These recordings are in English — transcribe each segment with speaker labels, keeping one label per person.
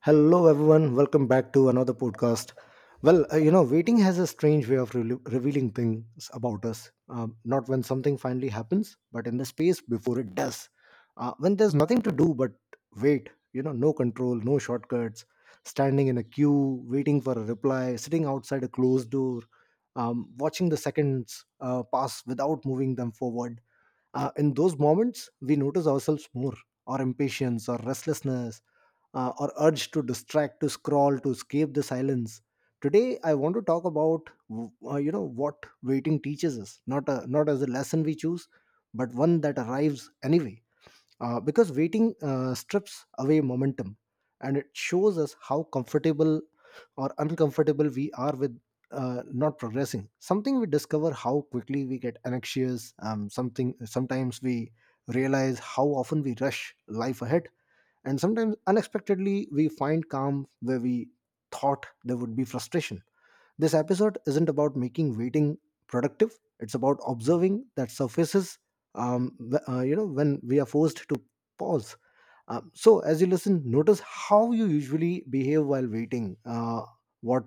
Speaker 1: Hello, everyone. Welcome back to another podcast. Waiting has a strange way of revealing things about us. Not when something finally happens, but in the space before it does. When there's nothing to do but wait, no control, no shortcuts, standing in a queue, waiting for a reply, sitting outside a closed door, watching the seconds pass without moving them forward. In those moments, we notice ourselves more, our impatience, our restlessness or urge to distract, to scroll, to escape the silence. Today I want to talk about what waiting teaches us, not as a lesson we choose, but one that arrives anyway, because waiting strips away momentum, and it shows us how comfortable or uncomfortable we are with not progressing. Something we discover: how quickly we get anxious, something sometimes we realize how often we rush life ahead, and sometimes, unexpectedly, we find calm where we thought there would be frustration. This episode isn't about making waiting productive, it's about observing that surfaces, when we are forced to pause. So, as you listen, notice how you usually behave while waiting, what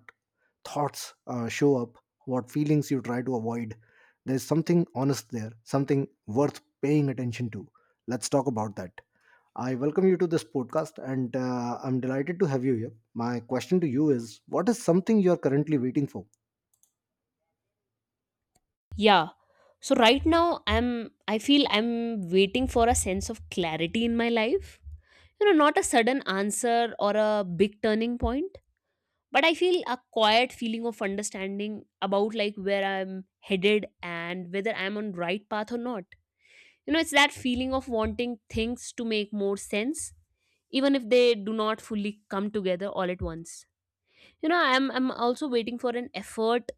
Speaker 1: thoughts show up, what feelings you try to avoid. There's something honest there, something worth paying attention to. Let's talk about that. I welcome you to this podcast, and I'm delighted to have you here. My question to you is: what is something you're currently waiting for?
Speaker 2: Yeah. So right now I feel I'm waiting for a sense of clarity in my life. You know, not a sudden answer or a big turning point, but I feel a quiet feeling of understanding about like where I'm headed and whether I'm on right path or not. You know, it's that feeling of wanting things to make more sense even if they do not fully come together all at once. You know, I'm also waiting for an effort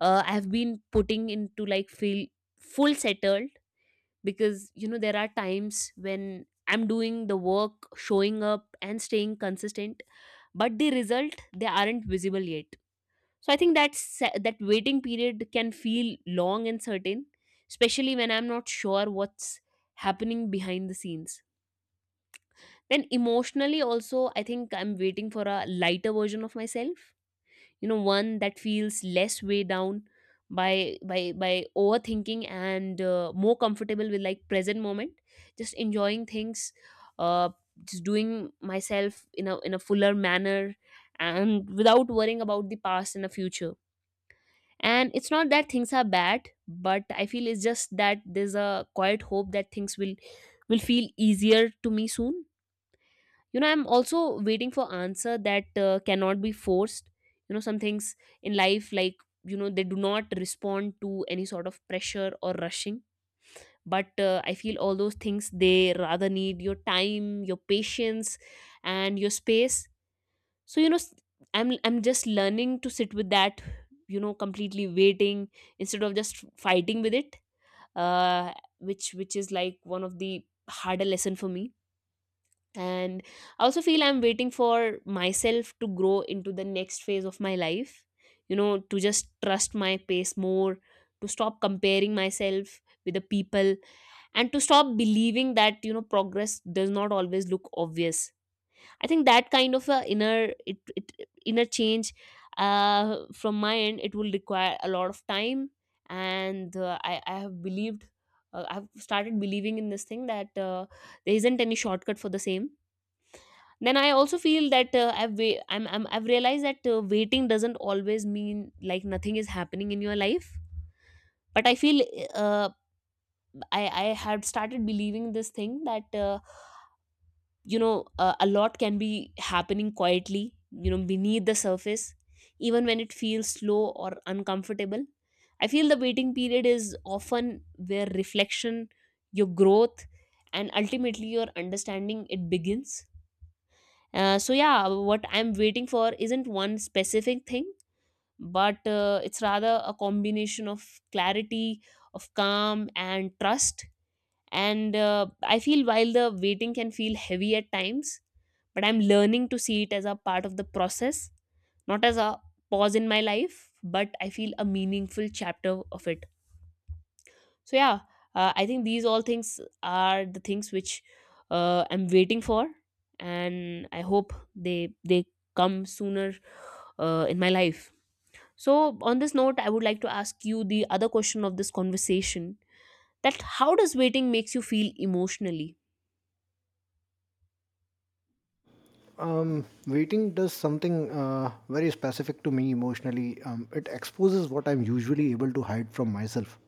Speaker 2: I have been putting into like feel full settled, because you know there are times when I'm doing the work, showing up and staying consistent, but the result they aren't visible yet. So I think that that waiting period can feel long and certain, especially when I'm not sure what's happening behind the scenes. Then emotionally also I think I'm waiting for a lighter version of myself, you know, one that feels less weighed down by overthinking, and more comfortable with like present moment, just enjoying things. uh just doing myself in a fuller manner, and without worrying about the past and the future. And it's not that things are bad, but I feel it's just that there's a quiet hope that things will feel easier to me soon. You know, I'm also waiting for answer that cannot be forced. You know, some things in life, like you know, they do not respond to any sort of pressure or rushing, but I feel all those things they rather need your time, your patience and your space. So you know, I'm just learning to sit with that, you know, completely waiting instead of just fighting with it. uh which is like one of the harder lesson for me. And I also feel I'm waiting for myself to grow into the next phase of my life, you know, to just trust my pace more, to stop comparing myself with the people, and to stop believing that you know progress does not always look obvious. I think that kind of a inner it, it inner change from my end it will require a lot of time. And I have believed— I've started believing in this thing that there isn't any shortcut for the same. Then I also feel that I've realized that waiting doesn't always mean like nothing is happening in your life. But I feel uh, I had started believing this thing that you know a lot can be happening quietly, you know, beneath the surface, even when it feels slow or uncomfortable. I feel the waiting period is often where reflection, your growth, and ultimately your understanding it begins. So yeah, what I'm waiting for isn't one specific thing, but it's rather a combination of clarity, of calm and trust. And I feel while the waiting can feel heavy at times, but I'm learning to see it as a part of the process, not as a pause in my life, but I feel a meaningful chapter of it. So yeah, I think these all things are the things which I'm waiting for, and I hope they come sooner in my life. So, on this note, I would like to ask you the other question of this conversation, that how does waiting makes you feel emotionally.
Speaker 1: Waiting does something very specific to me emotionally. It exposes what I'm usually able to hide from myself.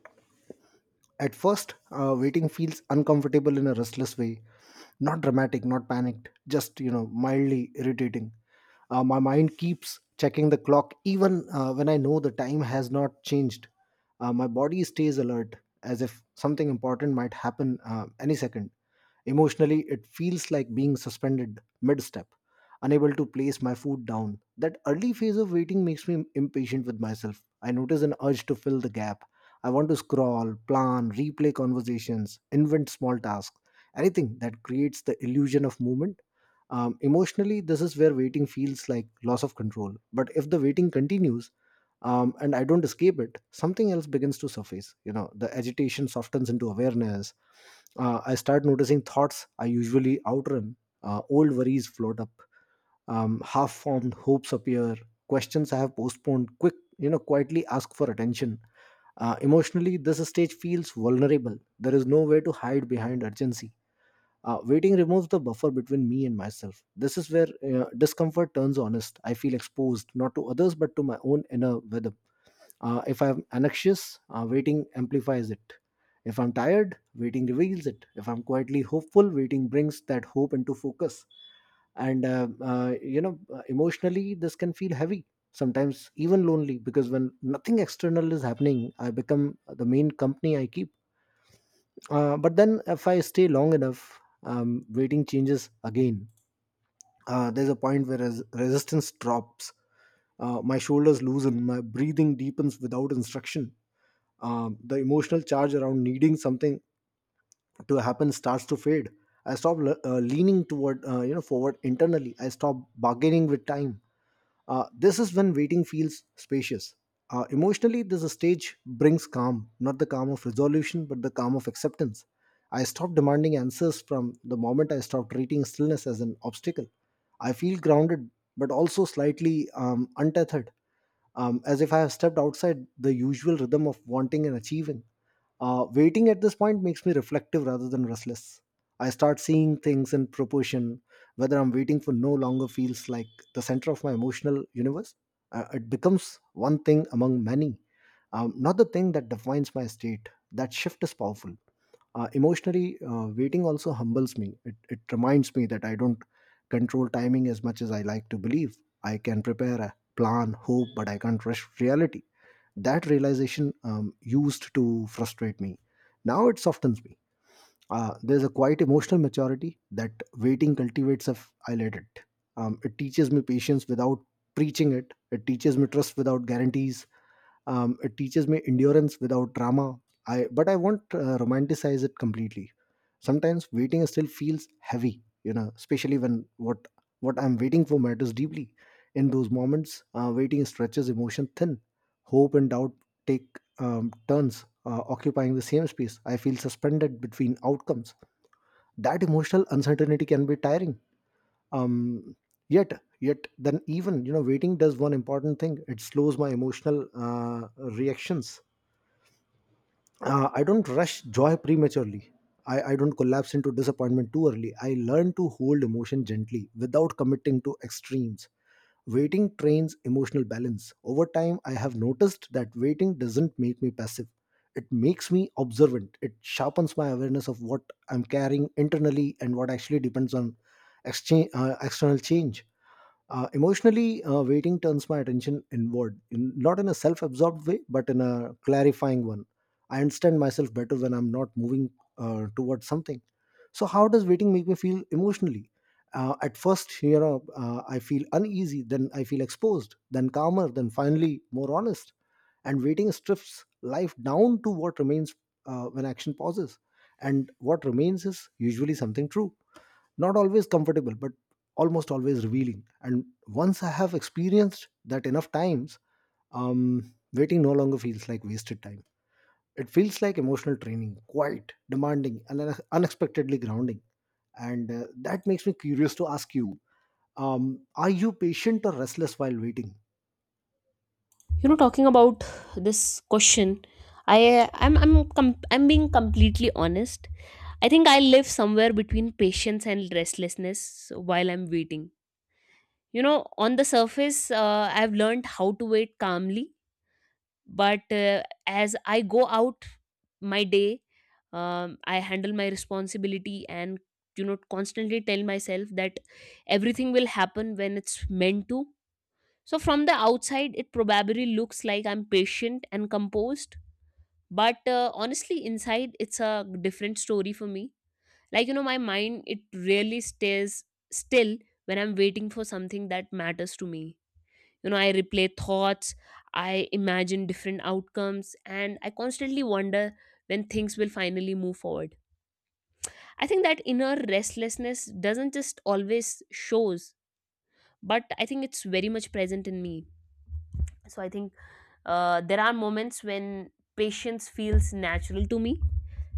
Speaker 1: At first, waiting feels uncomfortable in a restless way. Not dramatic, not panicked, just, you know, mildly irritating. My mind keeps checking the clock even when I know the time has not changed. My body stays alert as if something important might happen any second. Emotionally, it feels like being suspended mid step, unable to place my food down. That early phase of waiting makes me impatient with myself. I notice an urge to fill the gap. I want to scroll, plan, replay conversations, invent small tasks, anything that creates the illusion of movement. Emotionally, this is where waiting feels like loss of control. But if the waiting continues, and I don't escape it, something else begins to surface. You know, the agitation softens into awareness. I start noticing thoughts I usually outrun. Old worries float up, half-formed hopes appear, questions I have postponed quick you know quietly ask for attention. Uh, emotionally, this stage feels vulnerable. There is nowhere to hide behind urgency. Uh, waiting removes the buffer between me and myself. This is where discomfort turns honest. I feel exposed, not to others, but to my own inner rhythm. Uh, if I'm anxious, waiting amplifies it. If I'm tired, waiting reveals it. If I'm quietly hopeful, waiting brings that hope into focus. And you know emotionally, this can feel heavy, sometimes even lonely, because when nothing external is happening, I become the main company I keep. Uh, but then, if I stay long enough, waiting changes again. Uh, there's a point where resistance drops. Uh, my shoulders loosen, my breathing deepens without instruction. Um, the emotional charge around needing something to happen starts to fade. I stop leaning toward forward internally. I stop bargaining with time. This is when waiting feels spacious. Emotionally, this stage brings calm, not the calm of resolution, but the calm of acceptance. I stopped demanding answers from the moment I stopped treating stillness as an obstacle. I feel grounded, but also slightly untethered, as if I have stepped outside the usual rhythm of wanting and achieving. Waiting at this point makes me reflective rather than restless. I start seeing things in proportion. Whether I'm waiting for no longer feels like the center of my emotional universe. It becomes one thing among many, not the thing that defines my state. That shift is powerful. Emotionally, waiting also humbles me. It reminds me that I don't control timing as much as I like to believe. I can prepare, plan, hope, but I can't rush reality. That realization used to frustrate me. Now it softens me. There's a quiet emotional maturity that waiting cultivates if I let it. It teaches me patience without preaching it. It teaches me trust without guarantees. Um, it teaches me endurance without drama. I but i won't romanticize it completely. Sometimes waiting still feels heavy, you know, especially when what I'm waiting for matters deeply. In those moments, waiting stretches emotion thin. Hope and doubt take turns occupying the same space. I feel suspended between outcomes. That emotional uncertainty can be tiring. Um yet yet, then, even, you know, waiting does one important thing: it slows my emotional reactions. I don't rush joy prematurely. I don't collapse into disappointment too early. I learn to hold emotion gently without committing to extremes. Waiting trains emotional balance. Over time, I have noticed that waiting doesn't make me passive, it makes me observant. It sharpens my awareness of what I'm carrying internally and what actually depends on exchange external change. Uh, emotionally, waiting turns my attention inward, not in a self absorbed way, but in a clarifying one. I understand myself better when I'm not moving towards something. So, how does waiting make me feel emotionally? At first, you know, I feel uneasy, then I feel exposed, then calmer, then finally more honest. And waiting strips life down to what remains when action pauses. And what remains is usually something true, not always comfortable, but almost always revealing. And once I have experienced that enough times, waiting no longer feels like wasted time. It feels like emotional training, quiet, demanding, and unexpectedly grounding. And that makes me curious to ask you, are you patient or restless while waiting?
Speaker 2: You know, talking about this question, i I'm I'm being completely honest. I think I live somewhere between patience and restlessness while I'm waiting. You know, on the surface, I've learned how to wait calmly, but as I go out my day, I handle my responsibility and you know constantly tell myself that everything will happen when it's meant to. So from the outside, it probably looks like I'm patient and composed, but honestly, inside it's a different story for me. Like you know, my mind it really stays still when I'm waiting for something that matters to me. You know, I replay thoughts, I imagine different outcomes, and I constantly wonder when things will finally move forward. I think that inner restlessness doesn't just always shows, but I think it's very much present in me. So I think there are moments when patience feels natural to me,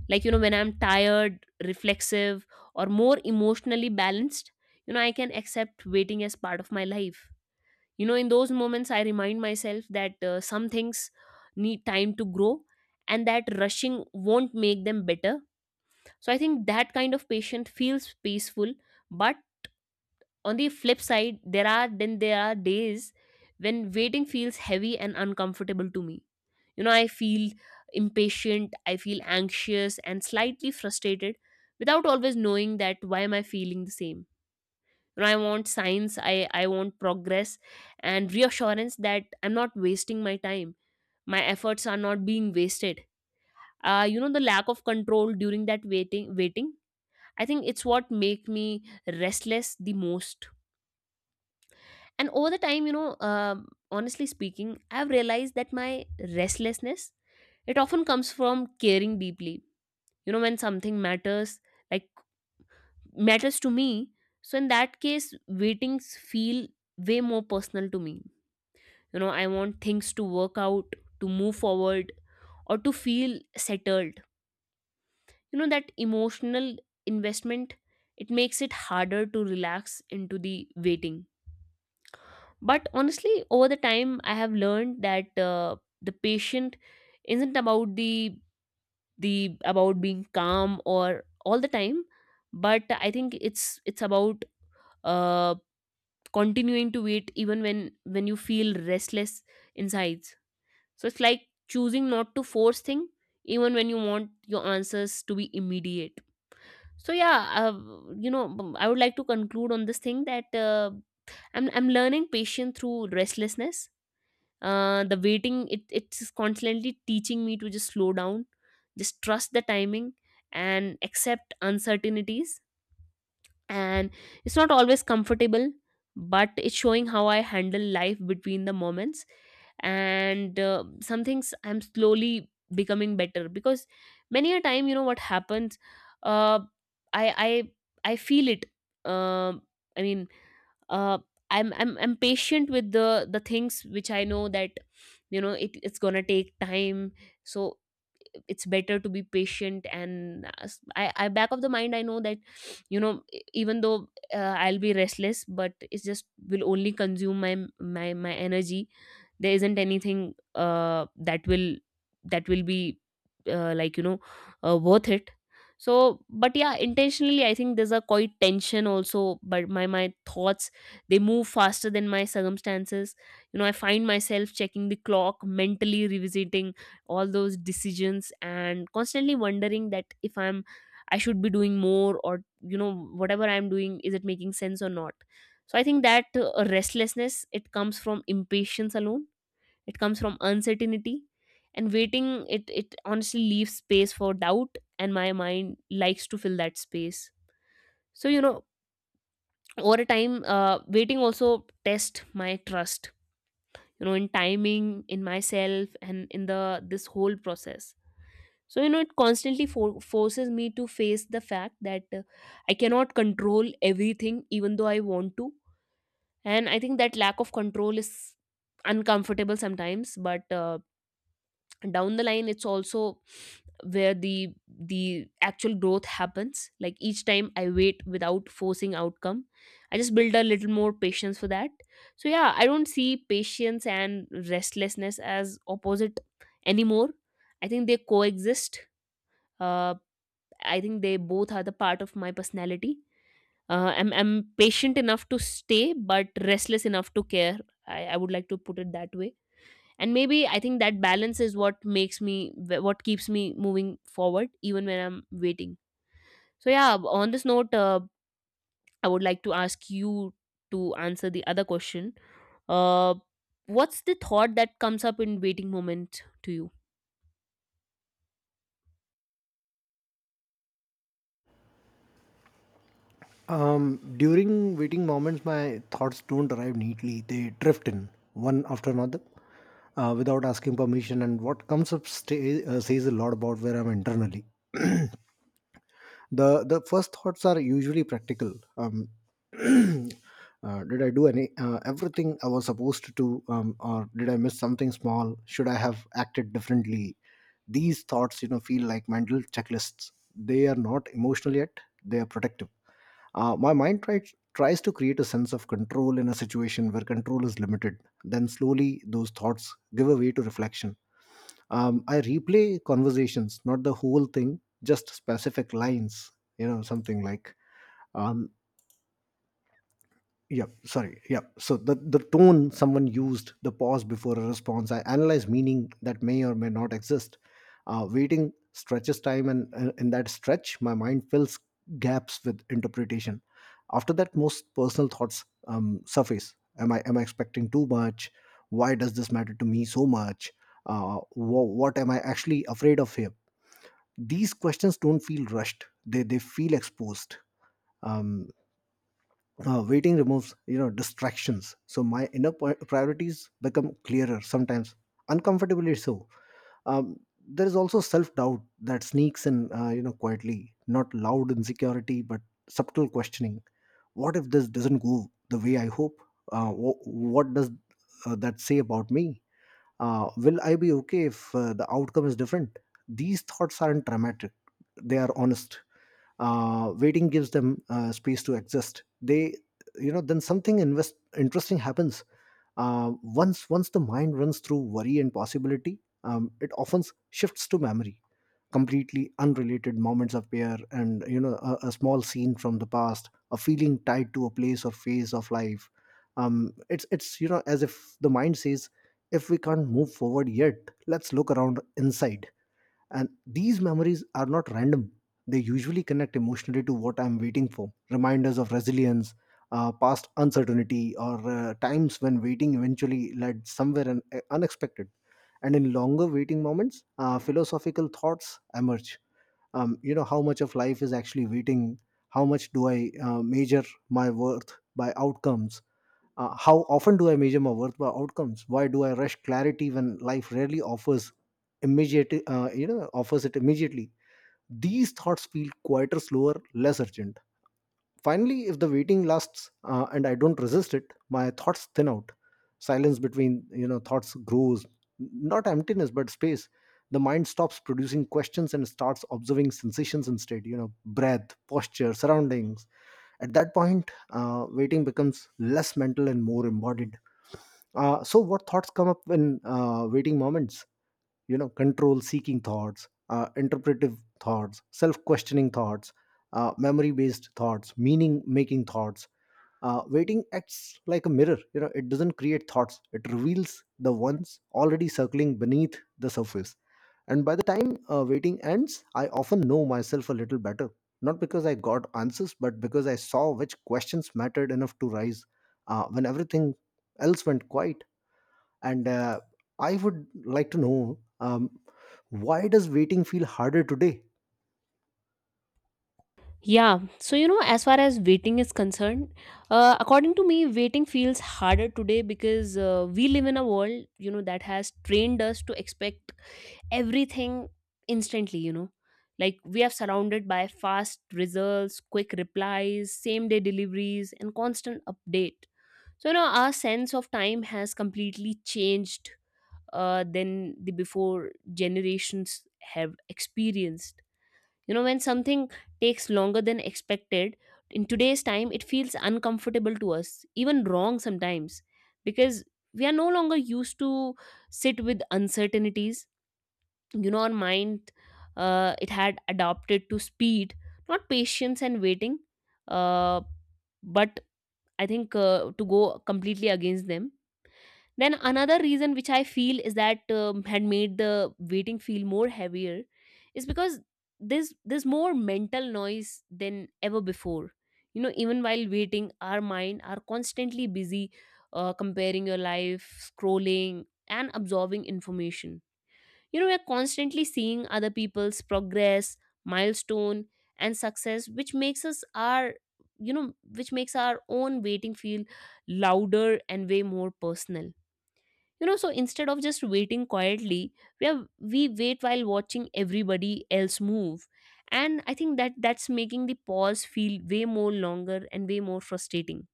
Speaker 2: like you know when I'm tired reflexive or more emotionally balanced. You know, I can accept waiting as part of my life. You know, in those moments, I remind myself that some things need time to grow, and that rushing won't make them better. So I think that kind of patient feels peaceful. But on the flip side, there are then there are days when waiting feels heavy and uncomfortable to me. You know, I feel impatient, I feel anxious and slightly frustrated without always knowing that why am I feeling the same. You know, I want science, I want progress and reassurance that I'm not wasting my time, my efforts are not being wasted. You know, the lack of control during that waiting, I think it's what make me restless the most. And over the time, you know, honestly speaking, I've realized that my restlessness it often comes from caring deeply. You know, when something matters, like matters to me, so in that case waitings feel way more personal to me. You know, I want things to work out, to move forward, or to feel settled. You know, that emotional investment it makes it harder to relax into the waiting. But honestly, over the time I have learned that the patient isn't about the about being calm or all the time, but I think it's about uh, continuing to wait even when you feel restless inside. So it's like choosing not to force things, even when you want your answers to be immediate. So yeah, you know, I would like to conclude on this thing that I'm learning patience through restlessness. The waiting it's constantly teaching me to just slow down, just trust the timing and accept uncertainties. And it's not always comfortable, but it's showing how I handle life between the moments. And some things I'm slowly becoming better, because many a time you know what happens, uh, i I feel it. Um i mean uh, I'm patient with the things which I know that you know it's gonna take time. So it's better to be patient, and I back of the mind I know that you know, even though I'll be restless but it's just will only consume my energy. There isn't anything that will be like you know worth it. So but yeah, intentionally I think there's a quite tension also, but my thoughts they move faster than my circumstances. You know, I find myself checking the clock, mentally revisiting all those decisions, and constantly wondering that if I should be doing more, or you know whatever I'm doing is it making sense or not. So I think that restlessness it comes from impatience alone, it comes from uncertainty. And waiting, it honestly leaves space for doubt, and my mind likes to fill that space. So you know, over time waiting also tests my trust, you know, in timing, in myself, and in the this whole process. So you know, it constantly forces me to face the fact that I cannot control everything, even though I want to. And I think that lack of control is uncomfortable sometimes, but down the line it's also where the actual growth happens. Like each time I wait without forcing outcome, I just build a little more patience for that. So yeah, I don't see patience and restlessness as opposite anymore. I think they coexist. Uh. I think they both are the part of my personality. I'm patient enough to stay, but restless enough to care. I would like to put it that way. And maybe I think that balance is what makes me, what keeps me moving forward, even when I'm waiting. So yeah, on this note, I would like to ask you to answer the other question. Uh, what's the thought that comes up in waiting moment to you?
Speaker 1: Um, during waiting moments, my thoughts don't arrive neatly. They drift in one after another, without asking permission. And what comes up says a lot about where I'm internally. The first thoughts are usually practical. Did I do any everything I was supposed to do? Um, or did I miss something small? Should I have acted differently? These thoughts, you know, feel like mental checklists. They are not emotional yet, they are protective. Uh, my mind tries to create a sense of control in a situation where control is limited. Then slowly those thoughts give a way to reflection. I replay conversations, not the whole thing, just specific lines. You know, something like, um yeah sorry yeah, so the tone someone used, the pause before a response. I analyze meaning that may or may not exist. Uh, waiting stretches time, and in that stretch, my mind fills gaps with interpretation. After that, most personal thoughts surface. Am I expecting too much? Why does this matter to me so much? Uh, wh- what am I actually afraid of here? These questions don't feel rushed, they feel exposed. Um, waiting removes, you know, distractions, so my inner priorities become clearer, sometimes uncomfortably so. Um, there is also self-doubt that sneaks in, you know, quietly, not loud insecurity, but subtle questioning. What if this doesn't go the way I hope? Uh, wh- what does that say about me? Uh, will I be okay if the outcome is different? These thoughts aren't dramatic, they are honest. Uh, waiting gives them space to exist. They you know Then something interesting happens. Once the mind runs through worry and possibility, it often shifts to memory. Completely unrelated moments appear, and, you know, a small scene from the past, a feeling tied to a place or phase of life. It's as if the mind says, if we can't move forward yet, let's look around inside. And these memories are not random. They usually connect emotionally to what I'm waiting for: reminders of resilience, past uncertainty, or times when waiting eventually led somewhere unexpected. And in longer waiting moments, philosophical thoughts emerge. You know, how much of life is actually waiting? How much do I measure my worth by outcomes? How often do I measure my worth by outcomes? Why do I rush clarity when life rarely offers immediate, offers it immediately? These thoughts feel quieter, slower, less urgent. Finally, if the waiting lasts and I don't resist it, my thoughts thin out. Silence between thoughts grows, not emptiness but space. The mind stops producing questions and starts observing sensations instead. You know, breath, posture, surroundings. At that point, waiting becomes less mental and more embodied. So, what thoughts come up in waiting moments? You know, control seeking thoughts, interpretive thoughts, self questioning thoughts, memory based thoughts, meaning making thoughts. Waiting acts like a mirror. You know, it doesn't create thoughts, it reveals the ones already circling beneath the surface. And by the time waiting ends, I often know myself a little better. Not because I got answers, but because I saw which questions mattered enough to rise when everything else went quiet and I would like to know, why does waiting feel harder today?
Speaker 2: Yeah, so you know, as far as waiting is concerned, according to me, waiting feels harder today because we live in a world, you know, that has trained us to expect everything instantly, you know. Like we are surrounded by fast results, quick replies, same day deliveries, and constant update. So, you know, our sense of time has completely changed than the before generations have experienced. You know, when something takes longer than expected, in today's time, it feels uncomfortable to us, even wrong sometimes, because we are no longer used to sit with uncertainties. You know, our mind, it had adapted to speed, not patience and waiting, uh, but I think to go completely against them. Then another reason which I feel is that had made the waiting feel more heavier is because there's more mental noise than ever before. You know, even while waiting, our mind are constantly busy comparing your life, scrolling, and absorbing information. You know, we're constantly seeing other people's progress, milestone, and success, which makes us our you know, which makes our own waiting feel louder and way more personal, you know. So instead of just waiting quietly, we wait while watching everybody else move, and I think that that's making the pause feel way more longer and way more frustrating.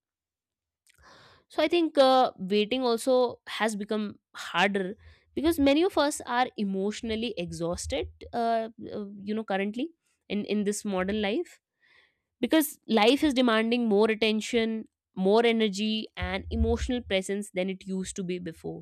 Speaker 2: So I think waiting also has become harder because many of us are emotionally exhausted, you know, currently in this modern life, because life is demanding more attention, more energy, and emotional presence than it used to be before.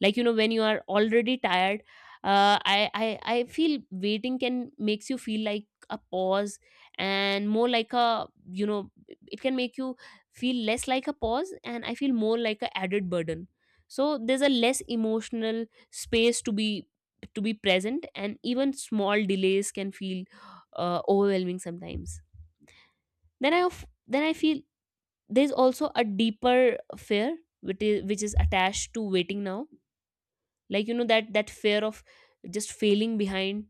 Speaker 2: Like, you know, when you are already tired, I feel waiting can makes you feel like a pause and more like a you know it can make you feel less like a pause and I feel more like a added burden. So there's a less emotional space to be present, and even small delays can feel overwhelming sometimes. Then then I feel there's also a deeper fear which is attached to waiting now. Like, you know, that that fear of just failing behind.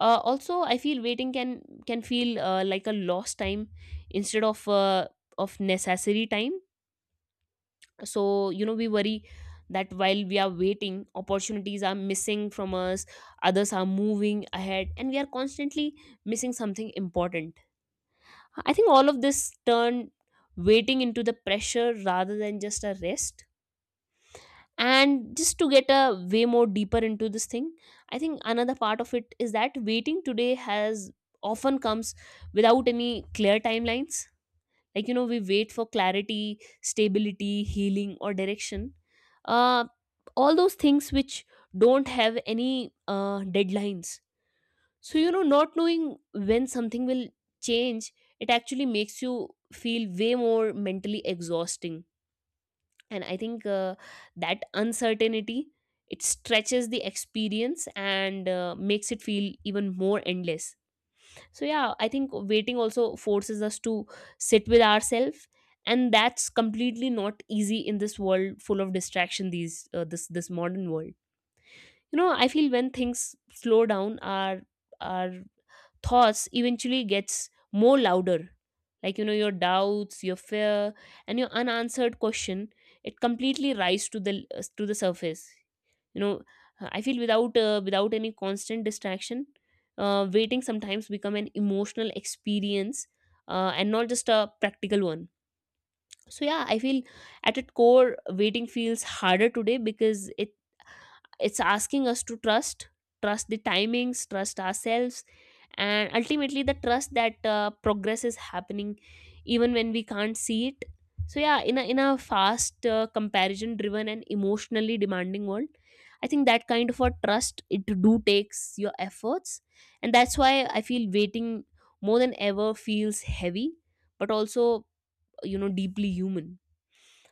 Speaker 2: Also, I feel waiting can feel like a lost time instead of necessary time. So you know, we worry that while we are waiting, opportunities are missing from us, others are moving ahead, and we are constantly missing something important. I think all of this turn waiting into the pressure rather than just a rest. And just to get a way more deeper into this thing, I think another part of it is that waiting today has often comes without any clear timelines. Like, you know, we wait for clarity, stability, healing, or direction. uh, all those things which don't have any deadlines. So you know, not knowing when something will change, it actually makes you feel way more mentally exhausting. And I think that uncertainty, it stretches the experience and makes it feel even more endless. So yeah, I think waiting also forces us to sit with ourselves, and that's completely not easy in this world full of distraction, these this modern world. You know, I feel when things slow down, our thoughts eventually gets more louder. Like, you know, your doubts, your fear, and your unanswered question, it completely rise to the surface. You know, I feel without without any constant distraction, waiting sometimes become an emotional experience, and not just a practical one. So yeah, I feel at its core, waiting feels harder today because it's asking us to trust, trust the timings, trust ourselves, and ultimately the trust that progress is happening even when we can't see it. So yeah, in a fast, comparison driven, and emotionally demanding world, I think that kind of a trust, it do takes your efforts. And that's why I feel waiting, more than ever, feels heavy, but also, you know, deeply human.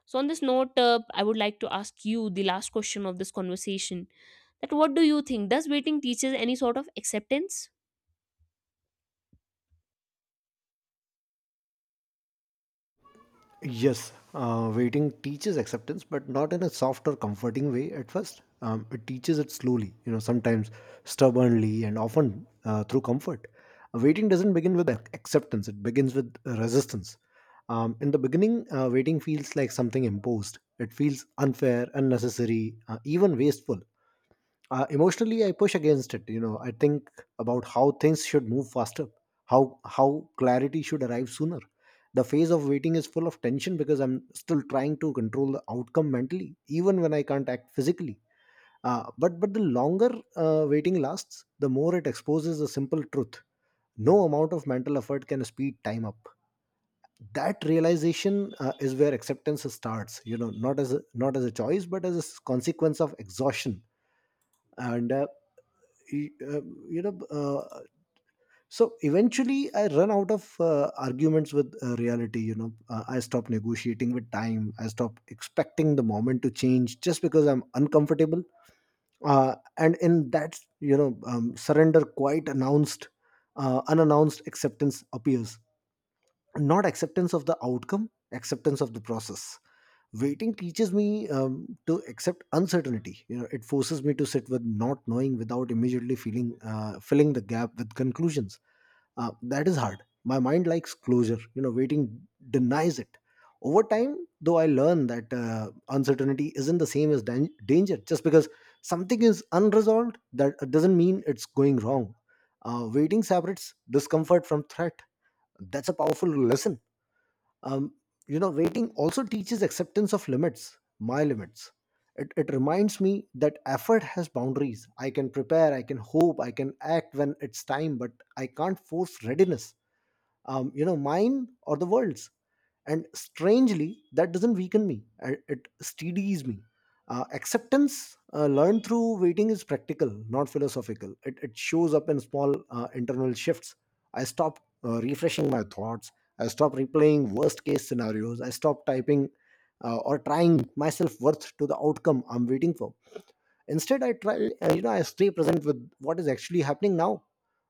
Speaker 2: So, on this note, I would like to ask you the last question of this conversation. That what do you think? Does waiting teaches any sort of acceptance?
Speaker 1: Yes, waiting teaches acceptance, but not in a soft or comforting way at first. It teaches it slowly, you know, sometimes stubbornly and often through comfort. Waiting doesn't begin with acceptance, it begins with resistance. In the beginning, waiting feels like something imposed. It feels unfair, unnecessary, even wasteful. Emotionally I push against it. You know, I think about how things should move faster, how how clarity should arrive sooner. The phase of waiting is full of tension because I'm still trying to control the outcome mentally even when I can't act physically. But the longer waiting lasts, the more it exposes the simple truth. No amount of mental effort can speed time up. That realization is where acceptance starts, you know, not as a choice but as a consequence of exhaustion. And uh, y- uh, you know uh, so eventually I run out of arguments with reality. You know, I stop negotiating with time. I stop expecting the moment to change just because I'm uncomfortable. And in that, you know, surrender, quite announced, unannounced, acceptance appears. Not acceptance of the outcome, acceptance of the process. Waiting teaches me, to accept uncertainty. You know, it forces me to sit with not knowing without immediately feeling, filling the gap with conclusions. Uh, that is hard. My mind likes closure. You know, waiting denies it. Over time though, I learn that uncertainty isn't the same as danger. Just because something is unresolved, that doesn't mean it's going wrong. Waiting separates discomfort from threat. That's a powerful lesson. um, you know, waiting also teaches acceptance of limits, my limits. It reminds me that effort has boundaries. I can prepare, I can hope, I can act when it's time, but I can't force readiness, you know, mine or the world's. And strangely, that doesn't weaken me, it steadies me. Uh, acceptance learned through waiting is practical, not philosophical. It shows up in small internal shifts. I stop refreshing my thoughts. I stop replaying worst case scenarios. I stop typing or trying myself worth to the outcome I'm waiting for. Instead, I try, I stay present with what is actually happening now.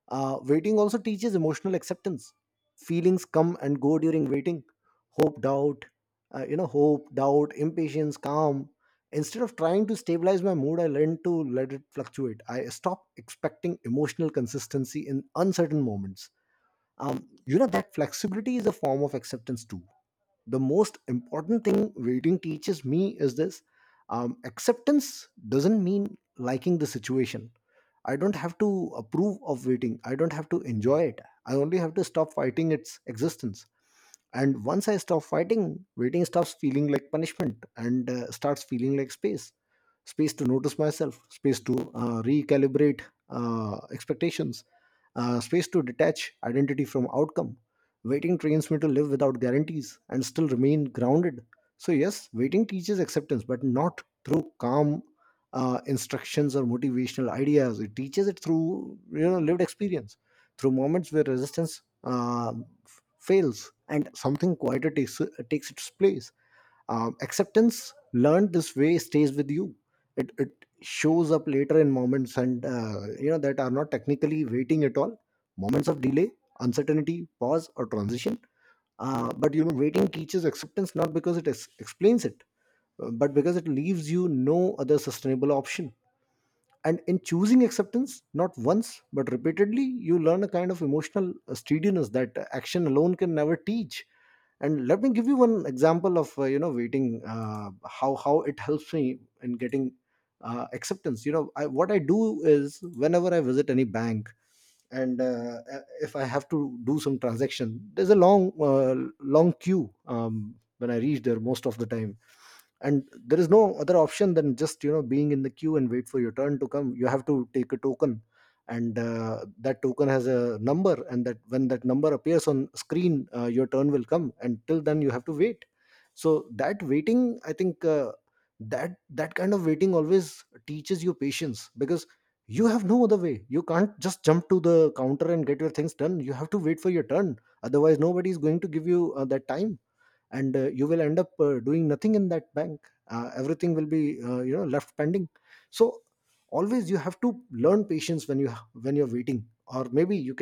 Speaker 1: Waiting also teaches emotional acceptance. Feelings come and go during waiting. Hope, doubt, Hope, doubt, impatience, calm. Instead of trying to stabilize my mood, I learn to let it fluctuate. I stop expecting emotional consistency in uncertain moments. You know, that flexibility is a form of acceptance too. The most important thing waiting teaches me is this. Um, acceptance doesn't mean liking the situation. I don't have to approve of waiting. I don't have to enjoy it. I only have to stop fighting its existence. And once I stop fighting, waiting stops feeling like punishment and starts feeling like space. Space to notice myself, space to recalibrate expectations, space to detach identity from outcome. Waiting trains me to live without guarantees and still remain grounded. So yes, waiting teaches acceptance, but not through calm instructions or motivational ideas. It teaches it through, you know, lived experience, through moments where resistance fails and something quieter takes, takes its place. Acceptance learned this way stays with you. It shows up later in moments and, you know, that are not technically waiting at all. Moments of delay, uncertainty, pause, or transition. But, you know, waiting teaches acceptance not because it explains it, but because it leaves you no other sustainable option. And in choosing acceptance, not once but repeatedly, you learn a kind of emotional steadiness that action alone can never teach. And let me give you one example of, you know, waiting, how it helps me in getting acceptance. You know, what I do is whenever I visit any bank and if I have to do some transaction, there's a long long queue when I reach there most of the time. And there is no other option than just, you know, being in the queue and wait for your turn to come. You have to take a token, and that token has a number, and that when that number appears on screen, your turn will come, and till then you have to wait. So that waiting, I think, that kind of waiting always teaches you patience, because you have no other way. You can't just jump to the counter and get your things done. You have to wait for your turn. Otherwise nobody is going to give you that time, and you will end up doing nothing in that bank. Everything will be, you know, left pending. So always you have to learn patience when you're waiting, or maybe you